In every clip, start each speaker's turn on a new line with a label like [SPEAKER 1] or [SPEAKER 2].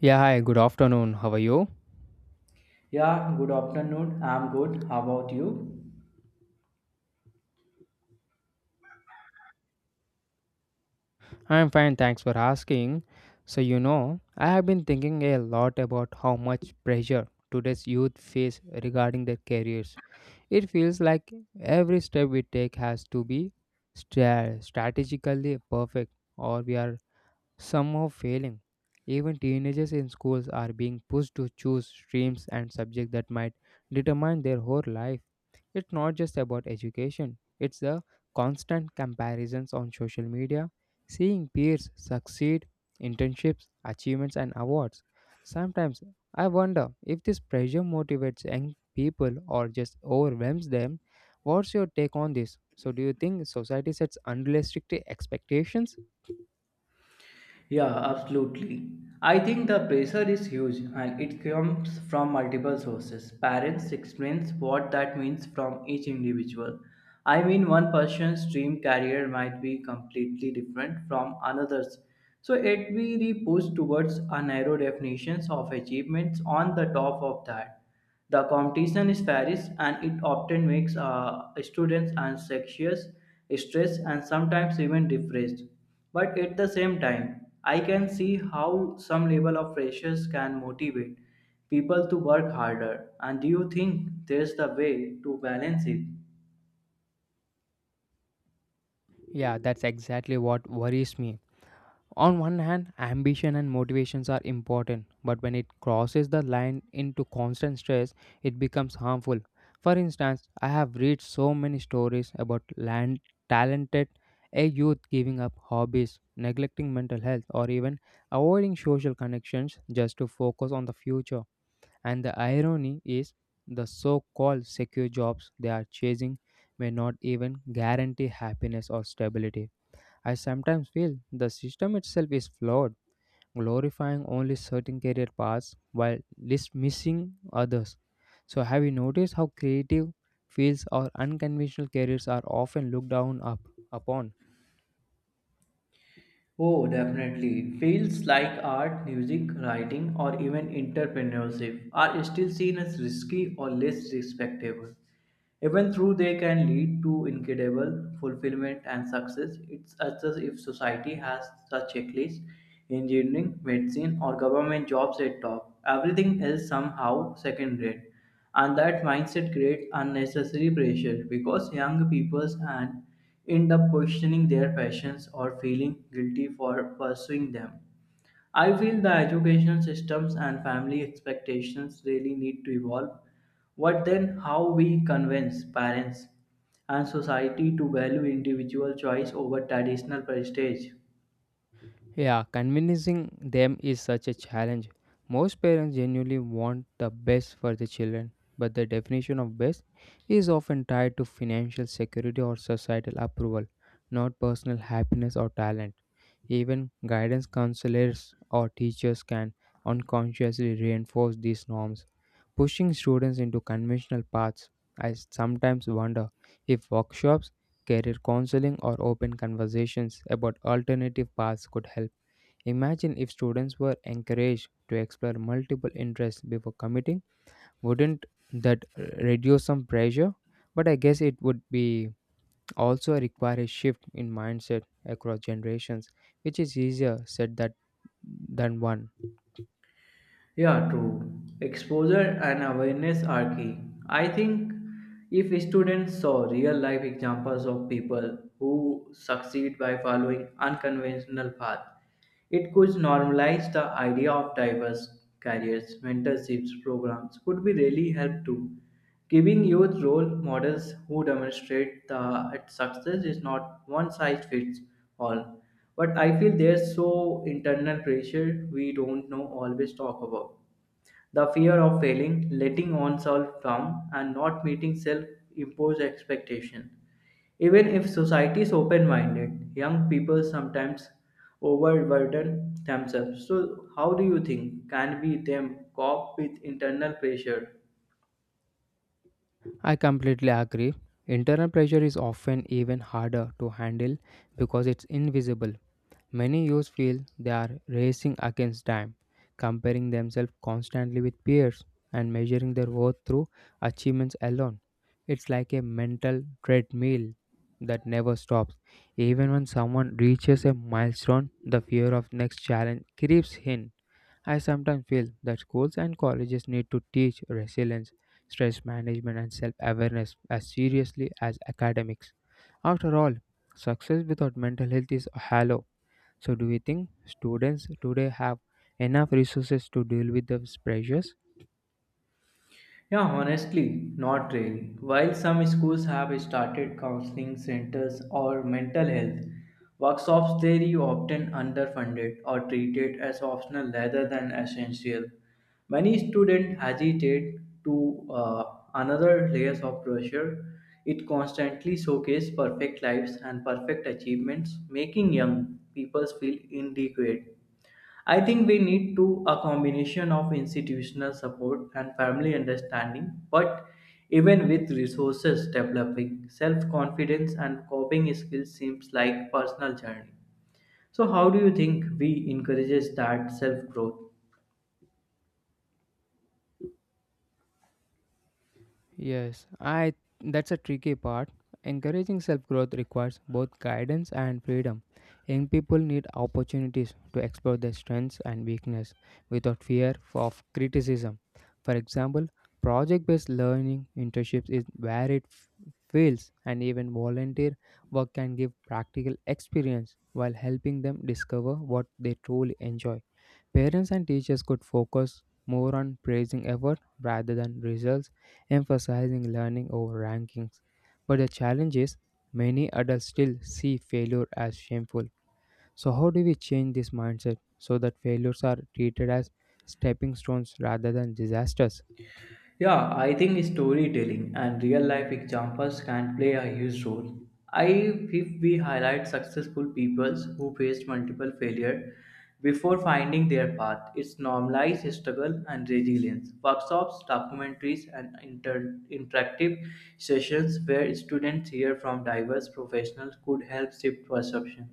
[SPEAKER 1] Yeah, hi, good afternoon. How are you?
[SPEAKER 2] Yeah, good afternoon. I'm good. How about you?
[SPEAKER 1] I'm fine, thanks for asking. So, I have been thinking a lot about how much pressure today's youth face regarding their careers. It feels like every step we take has to be strategically perfect, or we are somehow failing. Even teenagers in schools are being pushed to choose streams and subjects that might determine their whole life. It's not just about education, it's the constant comparisons on social media, seeing peers succeed, internships, achievements, and awards. Sometimes I wonder if this pressure motivates young people or just overwhelms them. What's your take on this? So, do you think society sets unrealistic expectations?
[SPEAKER 2] Yeah, absolutely. I think the pressure is huge and it comes from multiple sources. Parents explains what that means from each individual. I mean, one person's dream career might be completely different from another's. So it will be pushed towards a narrow definitions of achievements on the top of that. The competition is fierce and it often makes students anxious, stressed, and sometimes even depressed. But at the same time, I can see how some level of pressures can motivate people to work harder. And do you think there's the way to balance it?
[SPEAKER 1] Yeah, that's exactly what worries me. On one hand, ambition and motivations are important, but when it crosses the line into constant stress, it becomes harmful. For instance, I have read so many stories about land talented a youth giving up hobbies, neglecting mental health, or even avoiding social connections just to focus on the future. And the irony is the so-called secure jobs they are chasing may not even guarantee happiness or stability. I sometimes feel the system itself is flawed, glorifying only certain career paths while dismissing others. So, have you noticed how creative fields or unconventional careers are often upon?
[SPEAKER 2] Oh, definitely. Fields like art, music, writing, or even entrepreneurship are still seen as risky or less respectable. Even though they can lead to incredible fulfillment and success, it's as if society has a checklist, engineering, medicine, or government jobs at top. Everything else somehow second rate and that mindset creates unnecessary pressure because young people and end up questioning their passions or feeling guilty for pursuing them. I feel the educational systems and family expectations really need to evolve. What then, how we convince parents and society to value individual choice over traditional prestige?
[SPEAKER 1] Yeah, convincing them is such a challenge. Most parents genuinely want the best for their children, but the definition of best is often tied to financial security or societal approval, not personal happiness or talent. Even guidance counselors or teachers can unconsciously reinforce these norms, pushing students into conventional paths. I sometimes wonder if workshops, career counseling, or open conversations about alternative paths could help. Imagine if students were encouraged to explore multiple interests before committing. Wouldn't that reduce some pressure? But I guess it would be also require a shift in mindset across generations, which is easier said that than one.
[SPEAKER 2] Yeah, true. Exposure and awareness are key. I think if students saw real life examples of people who succeed by following unconventional paths, it could normalize the idea of diverse careers. Mentorships programs could be really help too. Giving youth role models who demonstrate that success is not one size fits all. But I feel there's so internal pressure we don't know always talk about. The fear of failing, letting oneself down, and not meeting self imposed expectation. Even if society is open minded, young people sometimes overburden themselves. So, how do you think can we them cope with internal pressure?
[SPEAKER 1] I completely agree. Internal pressure is often even harder to handle because it's invisible. Many youth feel they are racing against time, comparing themselves constantly with peers and measuring their worth through achievements alone. It's like a mental treadmill that never stops. Even when someone reaches a milestone, the fear of next challenge creeps in. I sometimes feel that schools and colleges need to teach resilience, stress management, and self awareness as seriously as academics. After all, success without mental health is hollow, so, do you think students today have enough resources to deal with those pressures?
[SPEAKER 2] Yeah, honestly, not really. While some schools have started counseling centers or mental health workshops, they are often underfunded or treated as optional rather than essential. Many students hesitate to another layers of pressure. It constantly showcases perfect lives and perfect achievements, making young people feel inadequate. I think we need to a combination of institutional support and family understanding, but even with resources developing, self-confidence and coping skills seems like personal journey. So how do you think we encourages that self-growth?
[SPEAKER 1] Yes, I That's a tricky part. Encouraging self-growth requires both guidance and freedom. Young people need opportunities to explore their strengths and weakness without fear of criticism. For example, project-based learning internships is where it fails and even volunteer work can give practical experience while helping them discover what they truly enjoy. Parents and teachers could focus more on praising effort rather than results, emphasizing learning over rankings. But the challenge is, many adults still see failure as shameful. So, how do we change this mindset so that failures are treated as stepping stones rather than disasters?
[SPEAKER 2] Yeah, I think storytelling and real life examples can play a huge role. I if we highlight successful peoples who faced multiple failure before finding their path, it's normalized struggle and resilience. Workshops, documentaries, and interactive sessions where students hear from diverse professionals could help shift perception.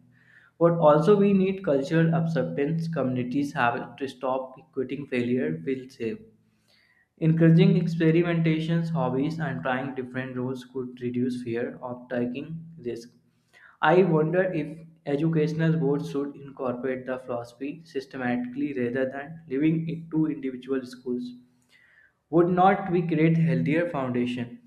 [SPEAKER 2] But also we need cultural acceptance. Communities have to stop equating failure with shame. Encouraging experimentations, hobbies, and trying different roles could reduce fear of taking risks. I wonder if educational boards should incorporate the philosophy systematically rather than leaving it to individual schools. Would not we create healthier foundation?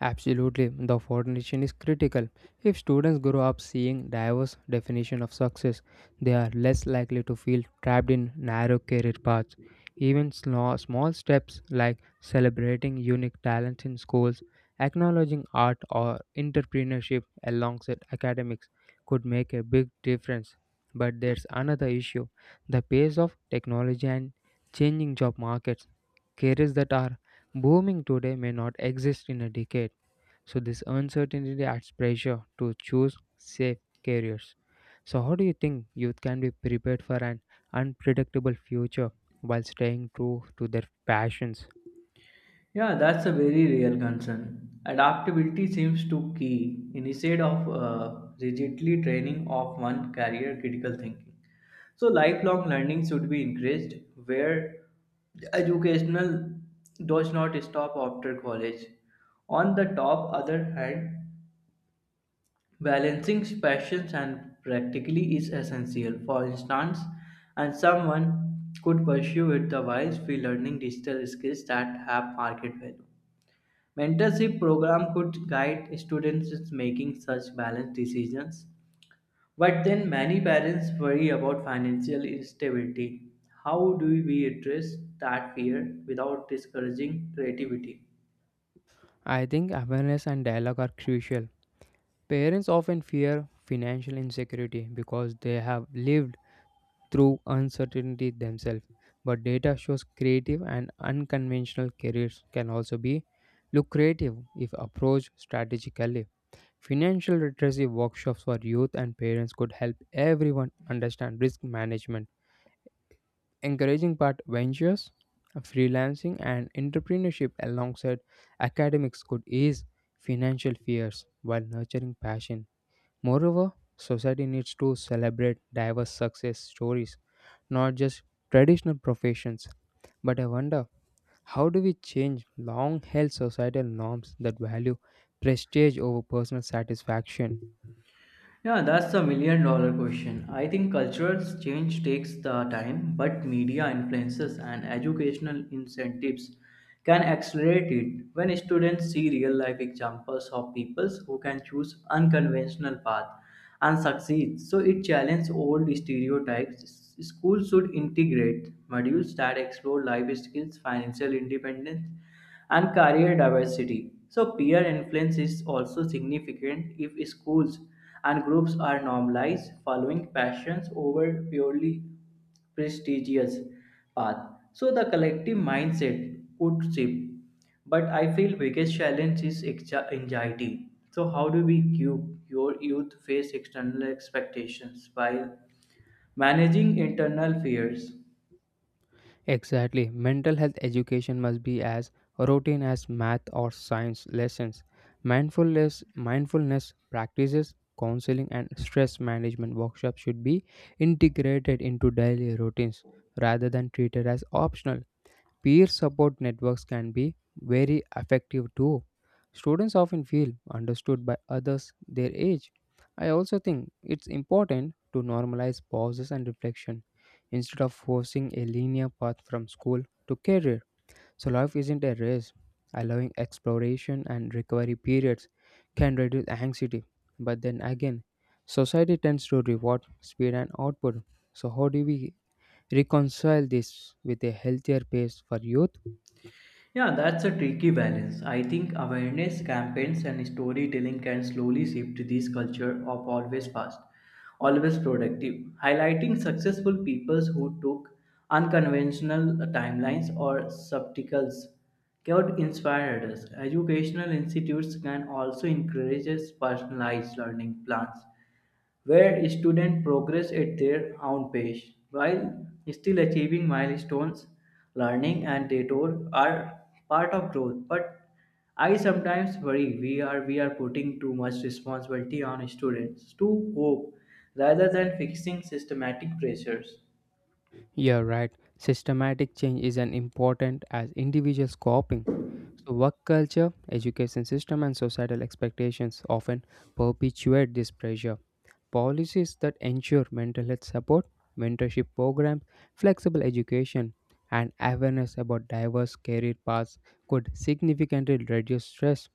[SPEAKER 1] Absolutely, the foundation is critical. If students grow up seeing diverse definition of success, they are less likely to feel trapped in narrow career paths. Even small, small steps like celebrating unique talents in schools, acknowledging art or entrepreneurship alongside academics could make a big difference. But there's another issue, the pace of technology and changing job markets. Careers that are booming today may not exist in a decade, so this uncertainty adds pressure to choose safe careers. So how do you think youth can be prepared for an unpredictable future while staying true to their passions?
[SPEAKER 2] Yeah, that's a very real concern. Adaptability seems to key instead of rigidly training of one career critical thinking. So lifelong learning should be encouraged where educational does not stop after college. On the top other hand, balancing passions and practically is essential. For instance, and someone could pursue it the while free learning digital skills that have market value. Mentorship program could guide students in making such balanced decisions. But then many parents worry about financial instability. How do we address that fear without discouraging creativity?
[SPEAKER 1] I think awareness and dialogue are crucial. Parents often fear financial insecurity because they have lived through uncertainty themselves. But data shows creative and unconventional careers can also be lucrative if approached strategically. Financial literacy workshops for youth and parents could help everyone understand risk management, encouraging part ventures, freelancing, and entrepreneurship alongside academics could ease financial fears while nurturing passion. Moreover, society needs to celebrate diverse success stories, not just traditional professions. But I wonder, how do we change long held societal norms that value prestige over personal satisfaction?
[SPEAKER 2] Yeah, that's the million dollar question. I think cultural change takes the time, but media influences and educational incentives can accelerate it. When students see real life examples of people who can choose unconventional path and succeed, so it challenges old stereotypes. Schools should integrate modules that explore life skills, financial independence, and career diversity. So, peer influence is also significant if schools and groups are normalized, following passions over purely prestigious path. So, the collective mindset could shift. But I feel biggest challenge is anxiety. So, how do we cue your youth face external expectations while managing internal fears?
[SPEAKER 1] Exactly. Mental health education must be as routine as math or science lessons. Mindfulness practices, counseling, and stress management workshops should be integrated into daily routines rather than treated as optional. Peer support networks can be very effective too. Students often feel understood by others their age. I also think it's important to normalize pauses and reflection instead of forcing a linear path from school to career. So, life isn't a race. Allowing exploration and recovery periods can reduce anxiety. But then again, society tends to reward speed and output. So, how do we reconcile this with a healthier pace for youth?
[SPEAKER 2] Yeah, that's a tricky balance. I think awareness campaigns and storytelling can slowly shift this culture of always fast, always productive, highlighting successful people who took unconventional timelines or subtitles. Could inspire others. Educational institutes can also encourage personalized learning plans where students progress at their own pace while still achieving milestones. Learning and detour are part of growth, but I sometimes worry we are putting too much responsibility on students to cope rather than fixing systematic pressures.
[SPEAKER 1] You're right, systematic change is as important as individuals coping. So, work culture, education system, and societal expectations often perpetuate this pressure. Policies that ensure mental health support, mentorship programs, flexible education, and awareness about diverse career paths could significantly reduce stress.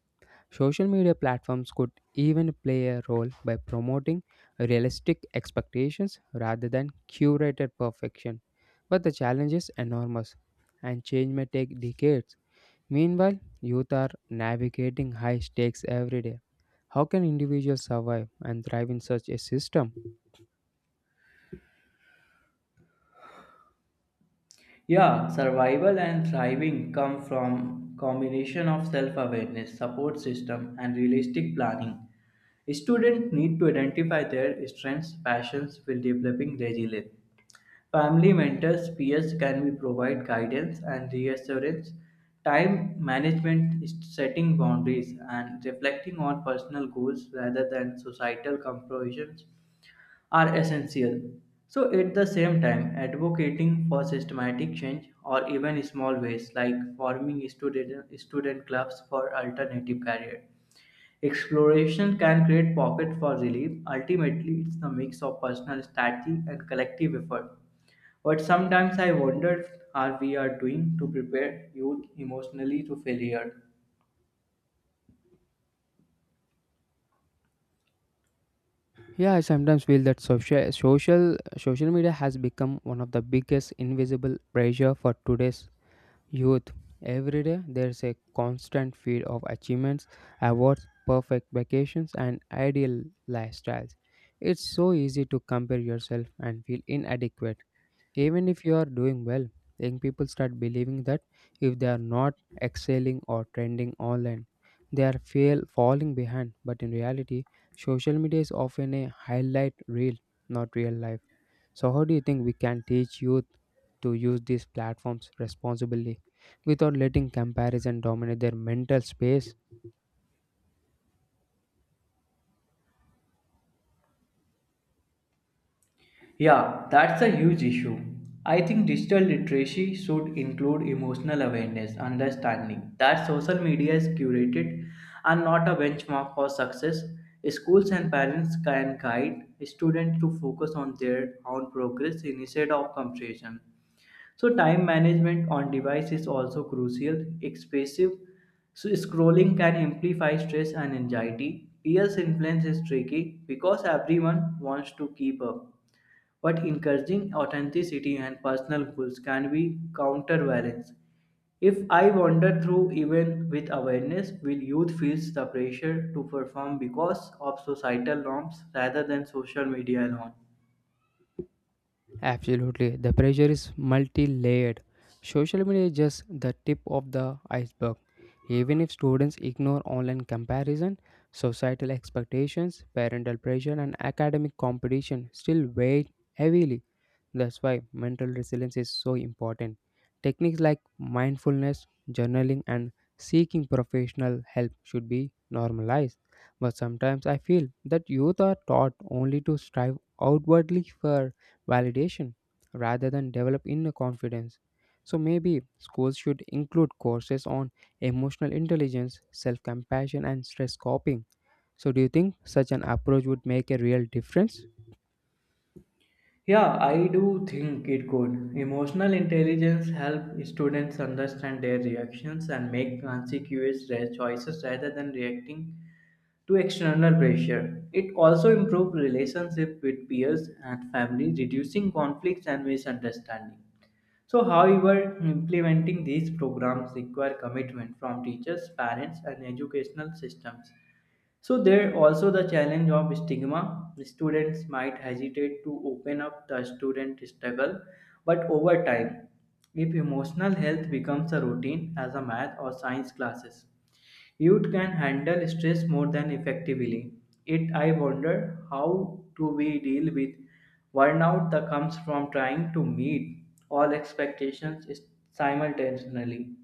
[SPEAKER 1] Social media platforms could even play a role by promoting realistic expectations rather than curated perfection. But the challenge is enormous, and change may take decades. Meanwhile, youth are navigating high stakes every day. How can individuals survive and thrive in such a system?
[SPEAKER 2] Yeah, survival and thriving come from combination of self-awareness, support system, and realistic planning. Students need to identify their strengths, passions while developing resilience. Family mentors, peers can be provide guidance and reassurance. Time management, is setting boundaries, and reflecting on personal goals rather than societal comparisons are essential. So, at the same time, advocating for systematic change or even small ways like forming student clubs for alternative career. Exploration can create pocket for relief. Ultimately, it's the mix of personal strategy and collective effort. But sometimes I wonder are we are doing to prepare youth emotionally to failure.
[SPEAKER 1] Yeah, I sometimes feel that social media has become one of the biggest invisible pressure for today's youth. Every day there's a constant feed of achievements, awards, perfect vacations, and ideal lifestyles. It's so easy to compare yourself and feel inadequate. Even if you are doing well, young people start believing that if they are not excelling or trending online, they are fail falling behind. But in reality, social media is often a highlight reel, not real life. So how do you think we can teach youth to use these platforms responsibly without letting comparison dominate their mental space?
[SPEAKER 2] Yeah, that's a huge issue. I think digital literacy should include emotional awareness, understanding that social media is curated and not a benchmark for success. Schools and parents can guide students to focus on their own progress instead of comparison. So, time management on device is also crucial. Excessive so scrolling can amplify stress and anxiety. Peers' influence is tricky because everyone wants to keep up but encouraging authenticity and personal goals can be counterbalanced. If I wander through even with awareness, will youth feels the pressure to perform because of societal norms rather than social media alone?
[SPEAKER 1] Absolutely. The pressure is multi layered. Social media is just the tip of the iceberg. Even if students ignore online comparison, societal expectations, parental pressure, and academic competition still weigh heavily. That's why mental resilience is so important. Techniques like mindfulness, journaling, and seeking professional help should be normalized. But sometimes I feel that youth are taught only to strive outwardly for validation rather than develop inner confidence. So maybe schools should include courses on emotional intelligence, self compassion, and stress coping. So, do you think such an approach would make a real difference?
[SPEAKER 2] Yeah, I do think it could. Emotional intelligence help students understand their reactions and make consequential choices rather than reacting to external pressure. It also improves relationship with peers and family, reducing conflicts and misunderstanding. So, however, implementing these programs require commitment from teachers, parents, and educational systems. So there also the challenge of stigma. Students might hesitate to open up the student struggle, but over time, if emotional health becomes a routine as a math or science classes, youth can handle stress more than effectively. It I wonder how do we deal with burnout that comes from trying to meet all expectations simultaneously.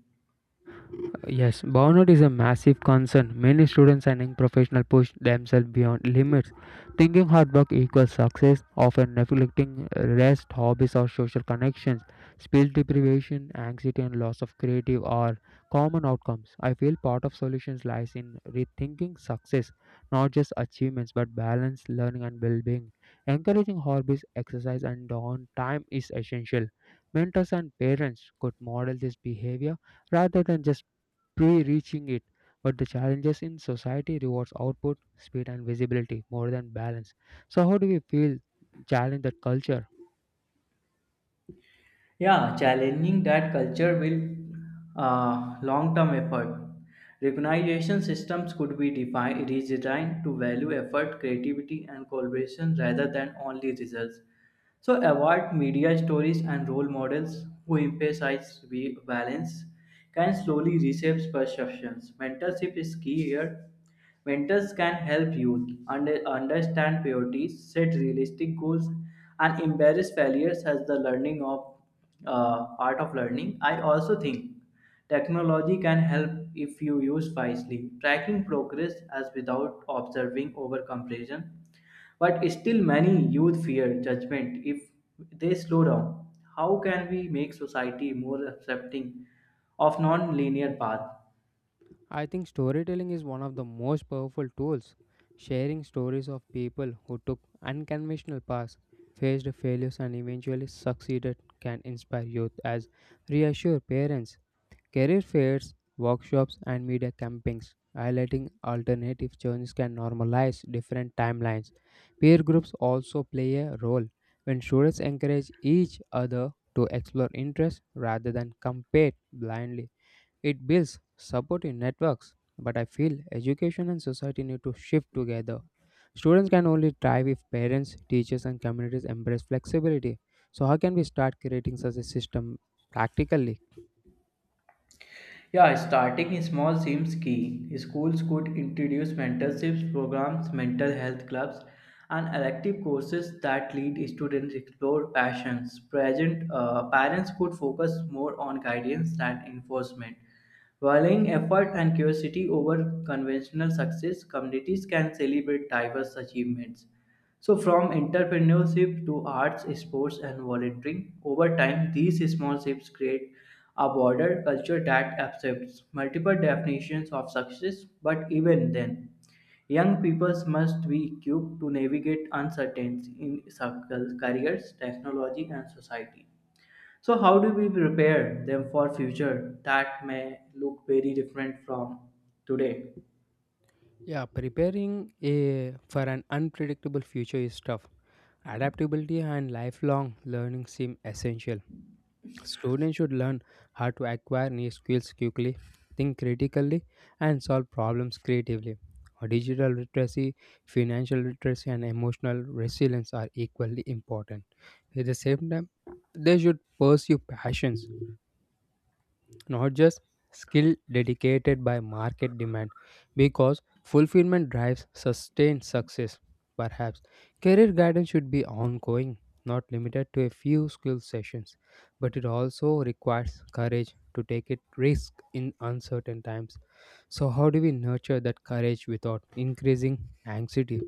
[SPEAKER 1] Yes, burnout is a massive concern. Many students and young professionals push themselves beyond limits, thinking hard work equals success, often neglecting rest, hobbies, or social connections. Speech deprivation, anxiety, and loss of creative are common outcomes. I feel part of solutions lies in rethinking success, not just achievements, but balance, learning, and well-being. Encouraging hobbies, exercise, and downtime is essential. Mentors and parents could model this behavior rather than just pre-reaching it. But the challenges in society rewards output, speed, and visibility more than balance. So, how do we feel challenge that culture?
[SPEAKER 2] Yeah, challenging that culture will long-term effort. Recognition systems could be defined, redesigned to value effort, creativity, and collaboration rather than only results. So award media stories and role models who emphasize balance can slowly reshape perceptions. Mentorship is key here. Mentors can help youth understand priorities, set realistic goals, and embrace failures as the learning of part of learning. I also think technology can help if you use wisely. Tracking progress as without observing over comparison, but still many youth fear judgment if they slow down. How can we make society more accepting of non-linear path?
[SPEAKER 1] I think storytelling is one of the most powerful tools. Sharing stories of people who took unconventional paths, faced failures, and eventually succeeded can inspire youth as reassure parents. Career fairs, workshops, and media campings highlighting alternative journeys can normalize different timelines. Peer groups also play a role when students encourage each other to explore interests rather than compete blindly. It builds supportive networks, but I feel education and society need to shift together. Students can only thrive if parents, teachers, and communities embrace flexibility. So, how can we start creating such a system practically?
[SPEAKER 2] Yeah, starting small seems key. Schools could introduce mentorships programs, mental health clubs, and elective courses that lead students explore passions. Present parents could focus more on guidance than enforcement. Valuing effort and curiosity over conventional success, communities can celebrate diverse achievements. So, from entrepreneurship to arts, sports, and volunteering, over time, these small shifts create a broader culture that accepts multiple definitions of success. But even then, young people must be equipped to navigate uncertainty in circles, careers, technology, and society. So, how do we prepare them for future that may look very different from today?
[SPEAKER 1] Yeah, preparing a, for an unpredictable future is tough. Adaptability and lifelong learning seem essential. Students should learn how to acquire new skills quickly, think critically, and solve problems creatively. Digital literacy, financial literacy, and emotional resilience are equally important. At the same time, they should pursue passions not just skill dedicated by market demand because fulfillment drives sustained success, perhaps career guidance should be ongoing, not limited to a few skill sessions, but it also requires courage to take it risk in uncertain times. So how do we nurture that courage without increasing anxiety?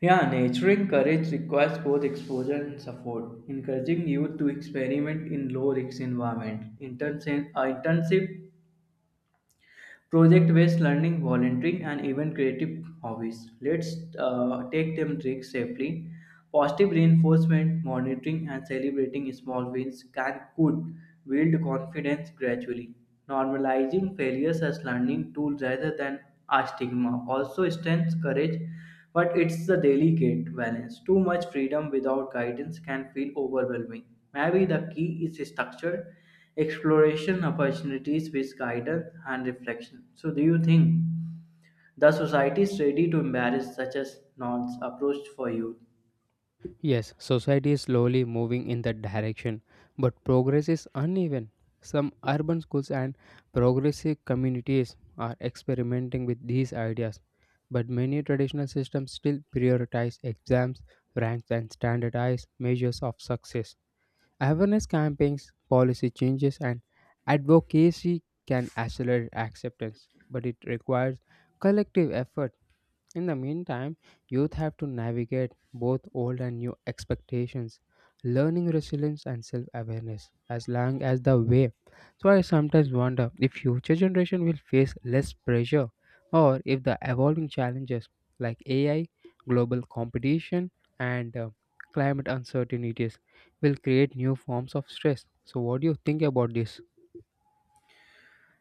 [SPEAKER 2] Yeah, nurturing courage requires both exposure and support. Encouraging youth to experiment in low risk environment, internship project based learning, volunteering, and even creative hobbies. Let's take them risks safely. Positive reinforcement, monitoring, and celebrating small wins can could build confidence gradually. Normalizing failures as learning tools rather than a stigma also strengthens courage but it's the delicate balance. Too much freedom without guidance can feel overwhelming. Maybe the key is structure, exploration opportunities with guidance and reflection. So, do you think the society is ready to embrace such a nonce approach for youth?
[SPEAKER 1] Yes, society is slowly moving in that direction, but progress is uneven. Some urban schools and progressive communities are experimenting with these ideas, but many traditional systems still prioritize exams, ranks, and standardized measures of success. Awareness campaigns, policy changes, and advocacy can accelerate acceptance, but it requires collective effort. In the meantime, youth have to navigate both old and new expectations, learning resilience and self awareness as long as the way. So, I sometimes wonder if future generation will face less pressure or if the evolving challenges like AI, global competition, and climate uncertainties will create new forms of stress. So, what do you think about this?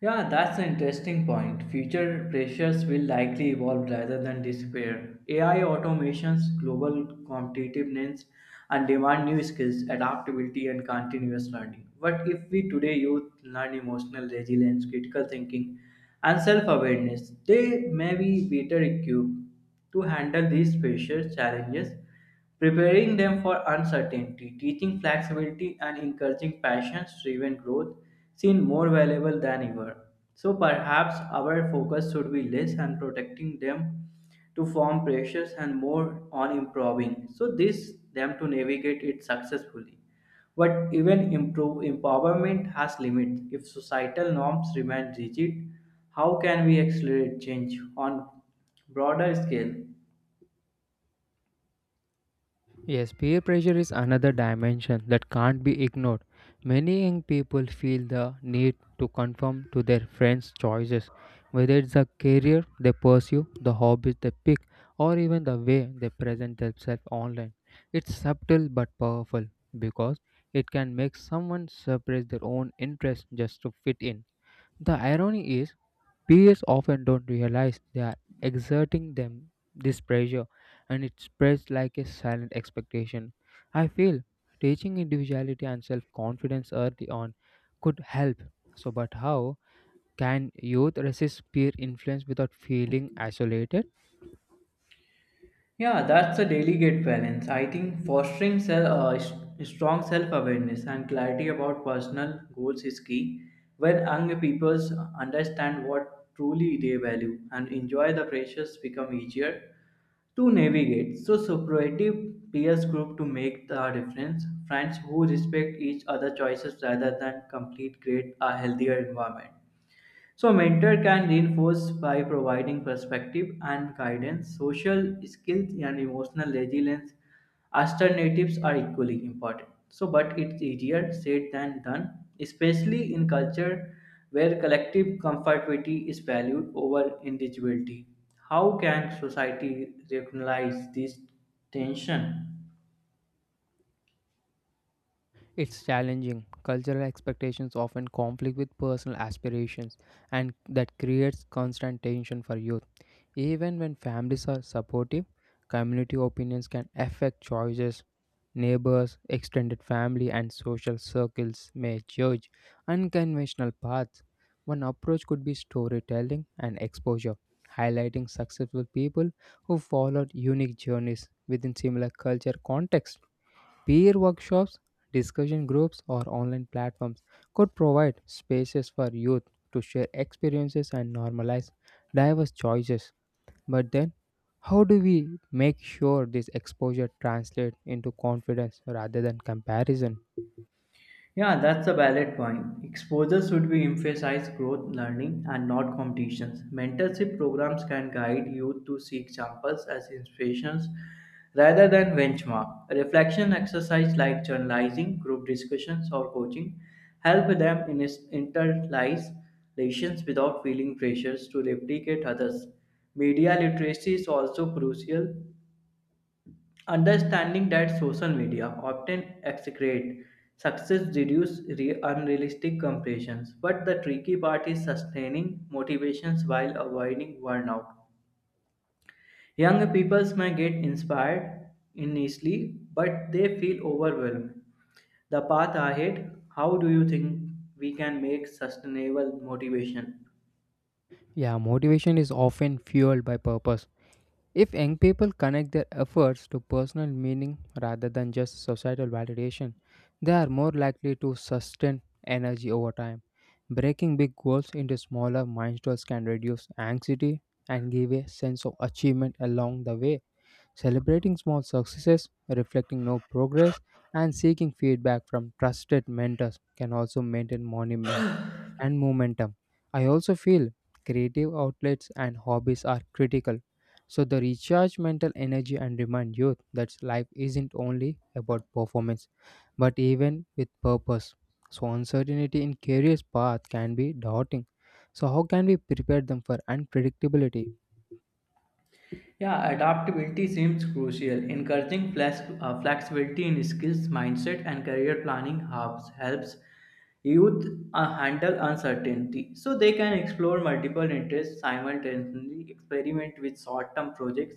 [SPEAKER 2] Yeah, that's an interesting point. Future pressures will likely evolve rather than disappear. AI automations, global competitiveness, and demand new skills, adaptability, and continuous learning. But if we today youth learn emotional resilience, critical thinking, and self awareness, they may be better equipped to handle these pressure challenges, preparing them for uncertainty, teaching flexibility, and encouraging passions driven growth seem more valuable than ever. So perhaps our focus should be less on protecting them to form pressures and more on improving. So this them to navigate it successfully. But even improve empowerment has limits. If societal norms remain rigid, how can we accelerate change on broader scale?
[SPEAKER 1] Yes, peer pressure is another dimension that can't be ignored. Many young people feel the need to conform to their friends' choices, whether it's the career they pursue, the hobbies they pick, or even the way they present themselves online. It's subtle but powerful because it can make someone suppress their own interests just to fit in. The irony is peers often don't realize they are exerting them this pressure and it spreads like a silent expectation. I feel teaching individuality and self-confidence early on could help. So but how can youth resist peer influence without feeling isolated?
[SPEAKER 2] Yeah, that's a delicate balance. I think fostering self, strong self-awareness and clarity about personal goals is key. When young people understand what truly they value and enjoy the pressures become easier to navigate. So supportive peers group to make the difference. Friends who respect each other choices rather than complete create a healthier environment. So, mentor can reinforce by providing perspective and guidance, social skills, and emotional resilience. Alternatives are equally important. So, but it's easier said than done, especially in culture where collective comfortability is valued over individuality. How can society recognize this tension?
[SPEAKER 1] It's challenging. Cultural expectations often conflict with personal aspirations and that creates constant tension for youth. Even when families are supportive, community opinions can affect choices. Neighbors, extended family, and social circles may judge unconventional paths. One approach could be storytelling and exposure, highlighting successful people who followed unique journeys within similar culture contexts. Peer workshops, discussion groups, or online platforms could provide spaces for youth to share experiences and normalize diverse choices. But then, how do we make sure this exposure translates into confidence rather than comparison?
[SPEAKER 2] Yeah, that's a valid point. Exposure should be emphasize growth, learning, and not competitions. Mentorship programs can guide youth to seek examples as inspirations rather than benchmark. Reflection exercise like journalizing, group discussions, or coaching help them in internalize lessons without feeling pressures to replicate others. Media literacy is also crucial. Understanding that social media often execrate success reduce unrealistic comparisons, but the tricky part is sustaining motivations while avoiding burnout. Young people may get inspired initially, but they feel overwhelmed. The path ahead, how do you think we can make sustainable motivation?
[SPEAKER 1] Yeah, motivation is often fueled by purpose. If young people connect their efforts to personal meaning rather than just societal validation, they are more likely to sustain energy over time. Breaking big goals into smaller milestones can reduce anxiety and give a sense of achievement along the way. Celebrating small successes, reflecting no progress, and seeking feedback from trusted mentors can also maintain monument and momentum. I also feel creative outlets and hobbies are critical. So they recharge mental energy and remind youth that life isn't only about performance, but even with purpose. So uncertainty in career's path can be daunting. So how can we prepare them for unpredictability?
[SPEAKER 2] Yeah, adaptability seems crucial. Encouraging flexibility in skills, mindset, and career planning helps youth handle uncertainty so they can explore multiple interests simultaneously, experiment with short term projects,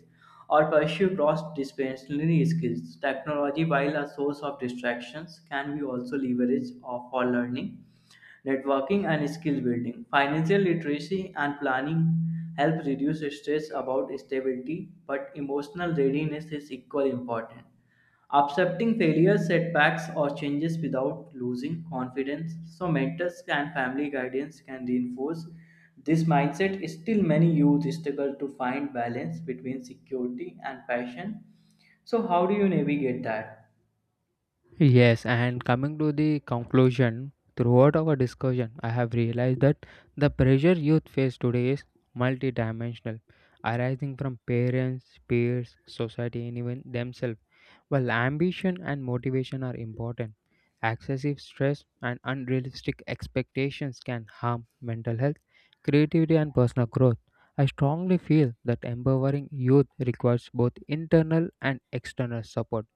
[SPEAKER 2] or pursue cross disciplinary skills. Technology, while a source of distractions, can be also leveraged for learning networking and skill building. Financial literacy and planning help reduce stress about stability, but emotional readiness is equally important. Accepting failures, setbacks, or changes without losing confidence. So, mentors and family guidance can reinforce this mindset. Still, many youth struggle to find balance between security and passion. So, how do you navigate that?
[SPEAKER 1] Yes, and coming to the conclusion, throughout our discussion, I have realized that the pressure youth face today is multidimensional, arising from parents, peers, society, and even themselves. While ambition and motivation are important, excessive stress and unrealistic expectations can harm mental health, creativity, and personal growth. I strongly feel that empowering youth requires both internal and external support,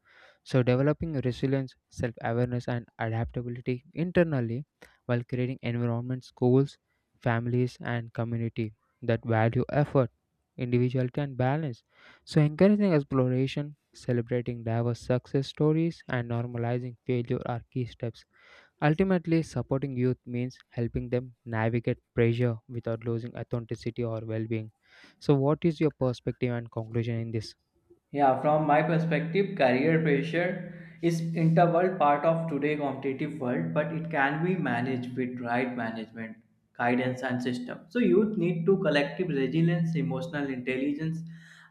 [SPEAKER 1] so, developing resilience, self awareness, and adaptability internally while creating environments, schools, families, and community that value effort, individuality, and balance. So, encouraging exploration, celebrating diverse success stories, and normalizing failure are key steps. Ultimately, supporting youth means helping them navigate pressure without losing authenticity or well being. So, what is your perspective and conclusion in this?
[SPEAKER 2] Yeah, from my perspective, career pressure is integral part of today competitive world, but it can be managed with right management, guidance, and system. So youth need to collective resilience, emotional intelligence,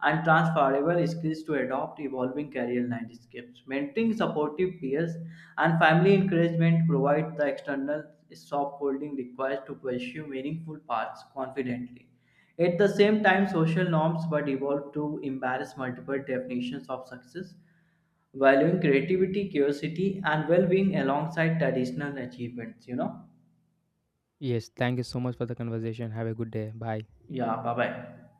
[SPEAKER 2] and transferable skills to adopt evolving career landscapes. Mentoring supportive peers and family encouragement provide the external soft holding required to pursue meaningful paths confidently. At the same time, social norms were evolved to embrace multiple definitions of success, valuing creativity, curiosity, and well being alongside traditional achievements. You know?
[SPEAKER 1] Yes, thank you so much for the conversation. Have a good day. Bye.
[SPEAKER 2] Yeah, bye bye.